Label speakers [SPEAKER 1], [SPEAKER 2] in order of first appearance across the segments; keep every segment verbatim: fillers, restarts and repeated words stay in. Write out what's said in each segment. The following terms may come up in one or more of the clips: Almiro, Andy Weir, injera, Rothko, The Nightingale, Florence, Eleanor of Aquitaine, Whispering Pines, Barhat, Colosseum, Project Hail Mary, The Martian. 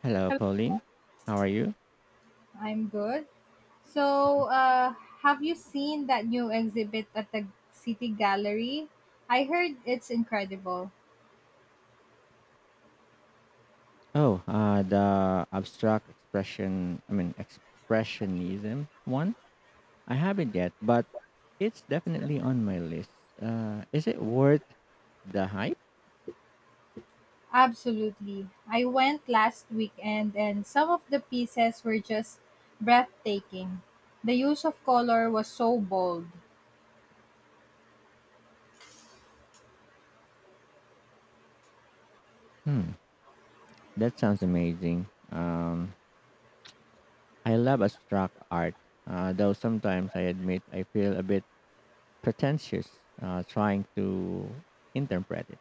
[SPEAKER 1] Hello,
[SPEAKER 2] Hello.
[SPEAKER 1] Pauline. How are you?
[SPEAKER 2] I'm good. So, uh, have you seen that new exhibit at the City Gallery? I heard it's incredible.
[SPEAKER 1] Oh, uh, the abstract expression, I mean, expressionism one. I haven't yet, but it's definitely on my list. Uh, is it worth the hype?
[SPEAKER 2] Absolutely. I went last weekend and some of the pieces were just breathtaking. The use of color was so bold.
[SPEAKER 1] Hmm, that sounds amazing. Um, I love abstract art, uh, though sometimes I admit I feel a bit pretentious uh, trying to interpret it.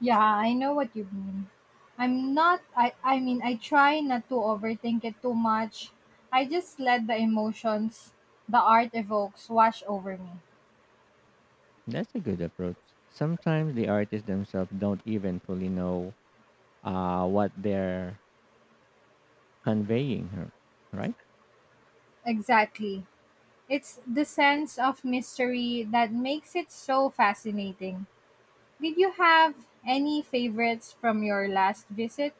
[SPEAKER 2] Yeah, I know what you mean. I'm not I I mean I try not to overthink it too much. I just let the emotions the art evokes wash over me.
[SPEAKER 1] That's a good approach. Sometimes the artists themselves don't even fully know uh, what they're conveying, r- right?
[SPEAKER 2] Exactly. It's the sense of mystery that makes it so fascinating. Did you have any favorites from your last visit?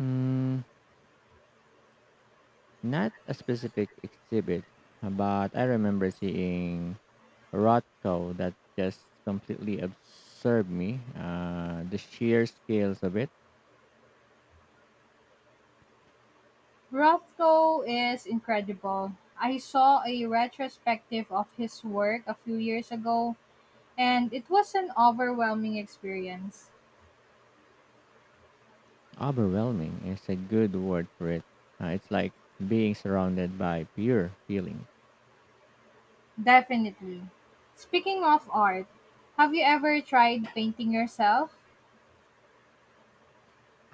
[SPEAKER 1] Mm, not a specific exhibit, but I remember seeing Rothko that just completely absorbed me. Uh, the sheer scales of it,
[SPEAKER 2] Rothko is incredible. I saw a retrospective of his work a few years ago, and it was an overwhelming experience.
[SPEAKER 1] overwhelming is a good word for it. Uh, it's like being surrounded by pure feeling.
[SPEAKER 2] Definitely. Speaking of art, have you ever tried painting yourself?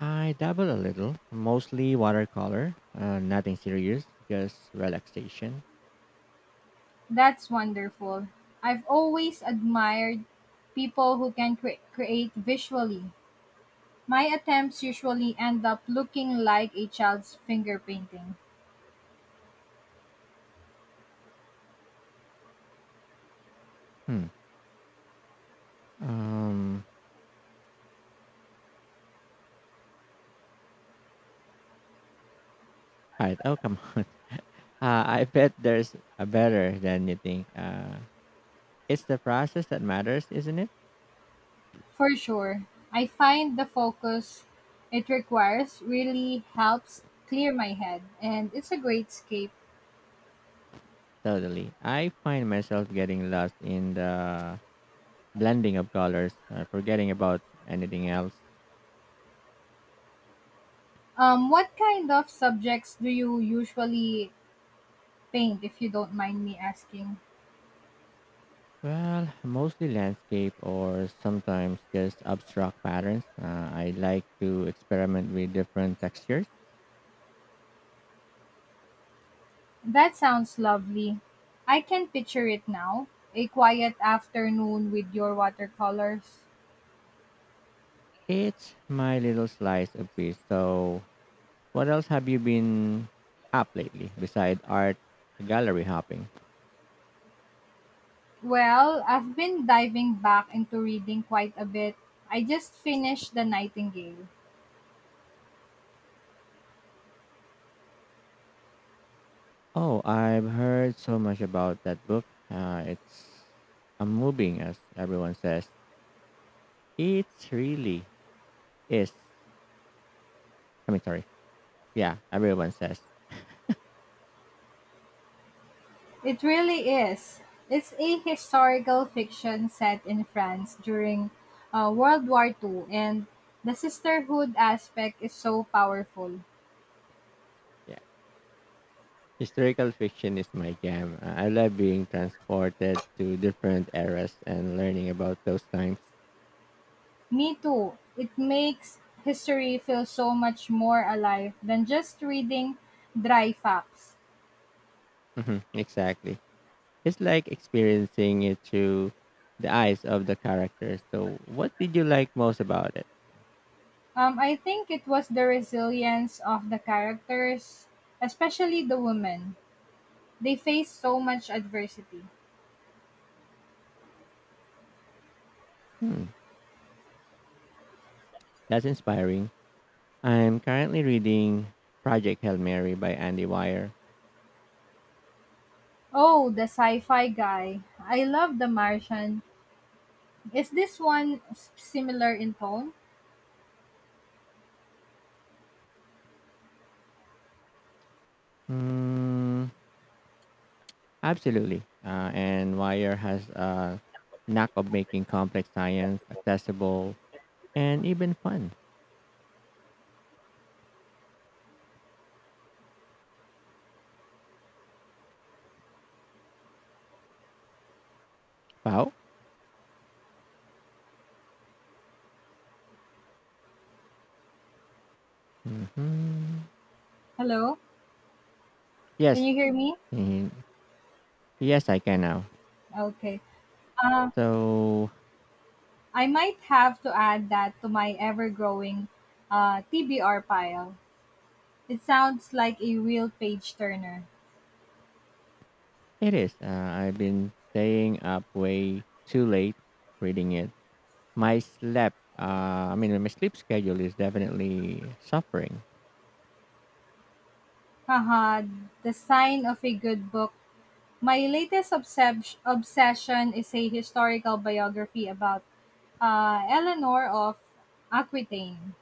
[SPEAKER 1] I dabble a little, mostly watercolor, uh, nothing serious, just relaxation.
[SPEAKER 2] That's wonderful. I've always admired people who can cre- create visually. My attempts usually end up looking like a child's finger painting.
[SPEAKER 1] Hmm. Um, all right, oh, come on. Uh, I bet there's a better than you think. Uh, it's the process that matters, isn't it?
[SPEAKER 2] For sure, I find the focus it requires really helps clear my head, and it's a great escape.
[SPEAKER 1] Totally. I find myself getting lost in the blending of colors, uh, forgetting about anything else.
[SPEAKER 2] Um, what kind of subjects do you usually paint, if you don't mind me asking?
[SPEAKER 1] Well, mostly landscape or sometimes just abstract patterns. Uh, I like to experiment with different textures.
[SPEAKER 2] That sounds lovely. I can picture it now, a quiet afternoon with your watercolors.
[SPEAKER 1] It's my little slice of peace. So, what else have you been up lately beside art gallery hopping?
[SPEAKER 2] Well, I've been diving back into reading quite a bit. I just finished The Nightingale.
[SPEAKER 1] Oh, I've heard so much about that book. Uh, it's a moving, as everyone says. It's really is. I mean, sorry. Yeah, everyone says.
[SPEAKER 2] It really is. It's a historical fiction set in France during uh, World War Two, and the sisterhood aspect is so powerful.
[SPEAKER 1] Yeah, historical fiction is my jam. Uh, I love being transported to different eras and learning about those times.
[SPEAKER 2] Me too. It makes history feel so much more alive than just reading dry facts.
[SPEAKER 1] Hmm, exactly. It's like experiencing it through the eyes of the characters. So, what did you like most about it?
[SPEAKER 2] Um, I think it was the resilience of the characters, especially the women. They face so much adversity.
[SPEAKER 1] Hmm, that's inspiring. I'm currently reading Project Hail Mary by Andy Weir.
[SPEAKER 2] Oh, the sci-fi guy. I love The Martian. Is this one s- similar in tone?
[SPEAKER 1] Mm, absolutely. Uh, and Weir has a knack of making complex science accessible and even fun. Wow. Hmm.
[SPEAKER 2] Hello? Can
[SPEAKER 1] Yes.
[SPEAKER 2] you hear me?
[SPEAKER 1] Mhm. Yes, I can now.
[SPEAKER 2] Okay. Uh,
[SPEAKER 1] So
[SPEAKER 2] I might have to add that to my ever-growing uh, T B R pile. It sounds like a real page turner.
[SPEAKER 1] it is. Uh, I've been staying up way too late reading it. My sleep, uh, I mean, my sleep schedule is definitely suffering.
[SPEAKER 2] Haha, the sign of a good book. My latest obsess- obsession is a historical biography about uh, Eleanor of Aquitaine.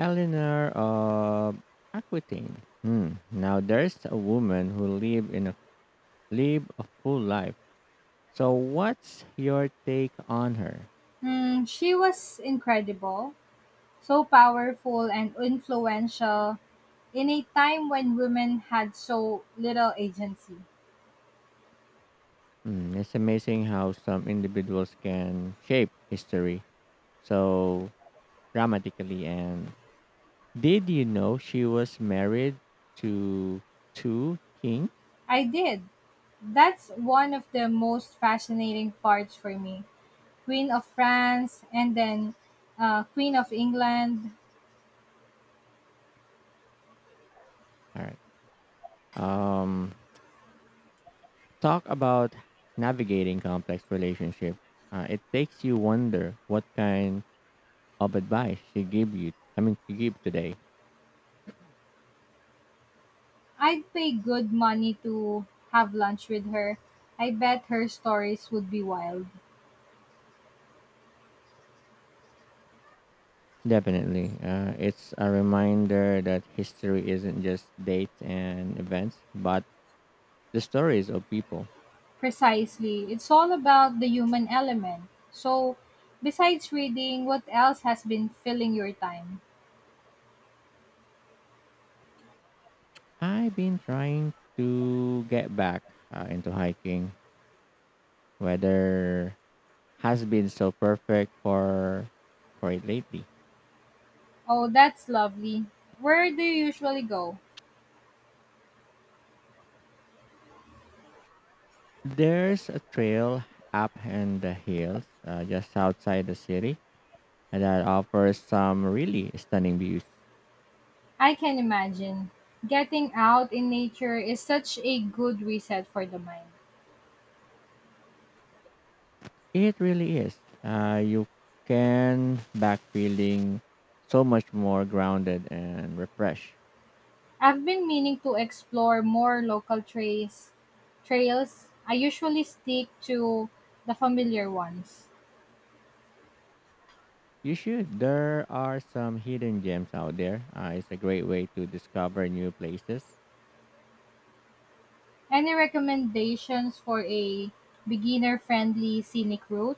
[SPEAKER 1] Eleanor of Aquitaine. Hmm. Now there's a woman who lived in a lived a full life. So what's your take on her?
[SPEAKER 2] Mm, she was incredible, so powerful and influential in a time when women had so little agency.
[SPEAKER 1] Hmm. It's amazing how some individuals can shape history so dramatically. And did you know she was married to two kings?
[SPEAKER 2] I did. That's one of the most fascinating parts for me. Queen of France and then uh, Queen of England.
[SPEAKER 1] All right. Um. Talk about navigating complex relationship. Uh, it takes you wonder what kind of advice she gave you I mean she gave today
[SPEAKER 2] I'd pay good money to have lunch with her. I bet her stories would be wild.
[SPEAKER 1] definitely uh, it's a reminder that history isn't just dates and events but the stories of people.
[SPEAKER 2] Precisely. It's all about the human element. So, besides reading, what else has been filling your time?
[SPEAKER 1] I've been trying to get back uh, into hiking. Weather has been so perfect for for it lately.
[SPEAKER 2] Oh, that's lovely. Where do you usually go?
[SPEAKER 1] There's a trail up in the hills, uh, just outside the city, that offers some really stunning views.
[SPEAKER 2] I can imagine. Getting out in nature is such a good reset for the mind.
[SPEAKER 1] It really is. Uh, you can back feeling so much more grounded and refreshed.
[SPEAKER 2] I've been meaning to explore more local trails. Trails. I usually stick to the familiar ones.
[SPEAKER 1] You should. There are some hidden gems out there. Uh, it's a great way to discover new places.
[SPEAKER 2] Any recommendations for a beginner-friendly scenic route?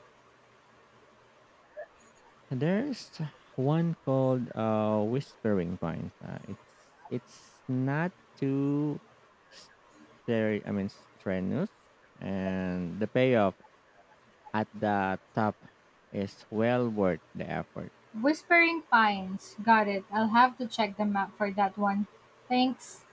[SPEAKER 1] There's one called uh, Whispering Pines. Uh, it's it's not too stere- I mean strenuous, and the payoff at the top is well worth the effort.
[SPEAKER 2] Whispering Pines. Got it. I'll have to check the map for that one. Thanks.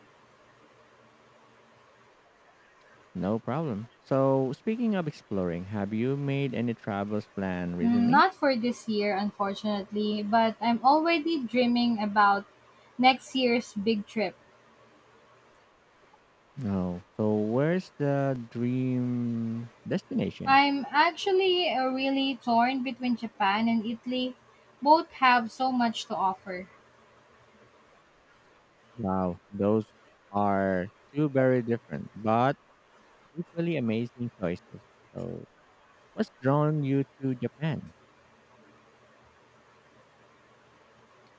[SPEAKER 1] No problem. So, speaking of exploring, have you made any travels plan
[SPEAKER 2] Mm,
[SPEAKER 1] recently?
[SPEAKER 2] not for this year, unfortunately, but I'm already dreaming about next year's big trip.
[SPEAKER 1] No. So, where's the dream destination?
[SPEAKER 2] I'm actually uh, really torn between Japan and Italy. Both have so much to offer.
[SPEAKER 1] Wow, those are two very different but equally amazing choices. So, what's drawn you to Japan?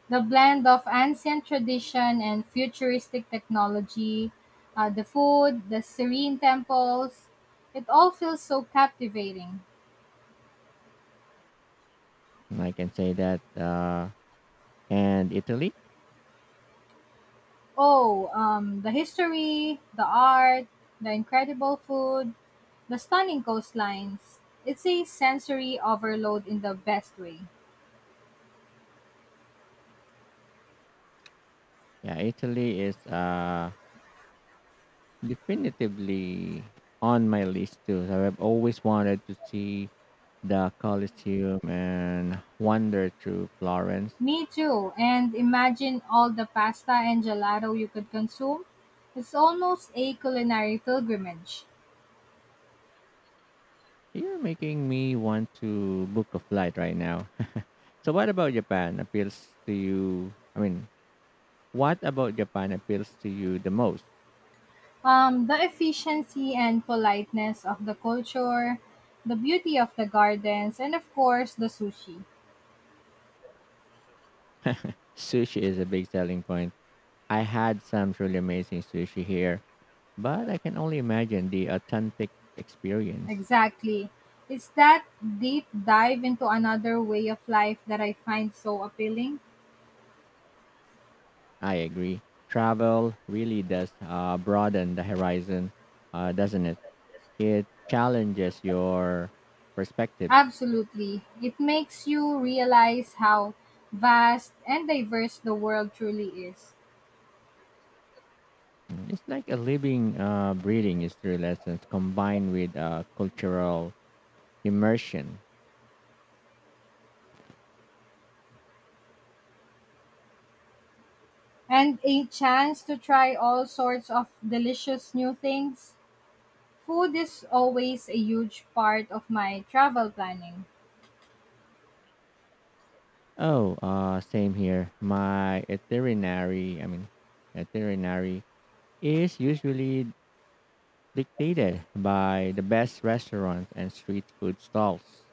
[SPEAKER 2] The blend of ancient tradition and futuristic technology, uh, the food, the serene temples, it all feels so captivating.
[SPEAKER 1] I can say that, uh, and Italy.
[SPEAKER 2] Oh, um, the history, the art, the incredible food, the stunning coastlines. It's a sensory overload in the best way.
[SPEAKER 1] Yeah, Italy is, uh, definitively on my list too. So I've always wanted to see the Colosseum, and wander through Florence.
[SPEAKER 2] Me too. And imagine all the pasta and gelato you could consume. It's almost a culinary pilgrimage.
[SPEAKER 1] You're making me want to book a flight right now. So, what about Japan appeals to you? I mean, what about Japan appeals to you the most?
[SPEAKER 2] Um, the efficiency and politeness of the culture, the beauty of the gardens, and of course, the sushi.
[SPEAKER 1] Sushi is a big selling point. I had some truly amazing sushi here, but I can only imagine the authentic experience.
[SPEAKER 2] Exactly. It's that deep dive into another way of life that I find so appealing.
[SPEAKER 1] I agree. Travel really does, uh, broaden the horizon, uh, doesn't it? It challenges your perspectives.
[SPEAKER 2] Absolutely. It makes you realize how vast and diverse the world truly is.
[SPEAKER 1] Mm, It's like a living, uh, breathing history lessons combined with uh, cultural immersion.
[SPEAKER 2] And a chance to try all sorts of delicious new things. Food is always a huge part of my travel planning.
[SPEAKER 1] Oh, uh, same here. My itinerary, I mean, itinerary is usually dictated by the best restaurants and street food stalls.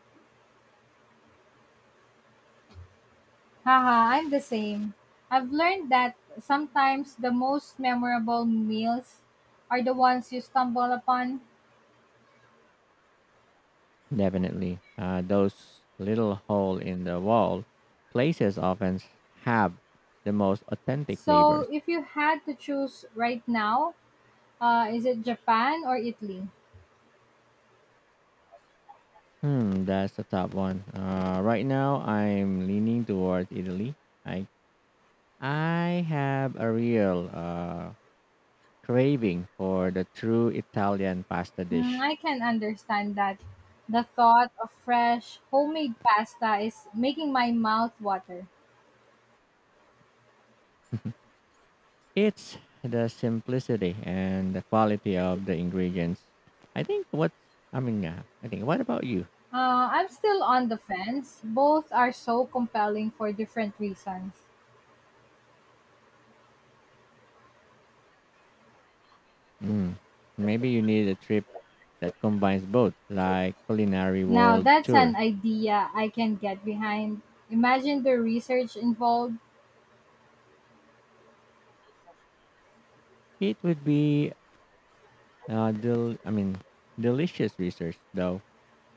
[SPEAKER 2] Haha, I'm the same. I've learned that sometimes the most memorable meals are the ones you stumble upon.
[SPEAKER 1] Definitely. Uh, those little hole in the wall places often have the most authentic
[SPEAKER 2] So,
[SPEAKER 1] flavors.
[SPEAKER 2] if you had to choose right now, uh, is it Japan or Italy?
[SPEAKER 1] Hmm, that's the top one. Uh, right now I'm leaning towards Italy. I I have a real uh craving for the true Italian pasta
[SPEAKER 2] Mm,
[SPEAKER 1] dish.
[SPEAKER 2] I can understand that. The thought of fresh homemade pasta is making my mouth water.
[SPEAKER 1] It's the simplicity and the quality of the ingredients. I think what's I mean, uh, I think what about you?
[SPEAKER 2] Uh, I'm still on the fence. Both are so compelling for different reasons.
[SPEAKER 1] Hmm, maybe you need a trip that combines both, like culinary
[SPEAKER 2] Now,
[SPEAKER 1] world
[SPEAKER 2] that's an
[SPEAKER 1] tour.
[SPEAKER 2] idea I can get behind. Imagine the research involved.
[SPEAKER 1] It would be uh, del- I mean, delicious research though.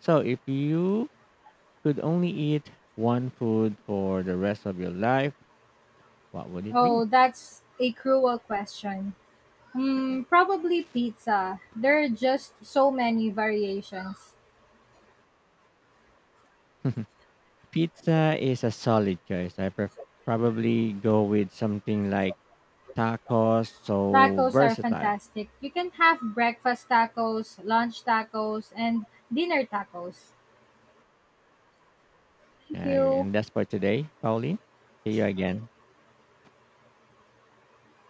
[SPEAKER 1] So, if you could only eat one food for the rest of your life, what would it be?
[SPEAKER 2] Oh, that's a cruel question. Mm, probably pizza. There are just so many variations.
[SPEAKER 1] Pizza is a solid choice. I pref- probably go with something like tacos, so
[SPEAKER 2] Tacos are
[SPEAKER 1] versatile.
[SPEAKER 2] fantastic. You can have breakfast tacos, lunch tacos, and dinner tacos. Thank
[SPEAKER 1] Yeah,
[SPEAKER 2] you.
[SPEAKER 1] and that's for today, Pauline. See you again.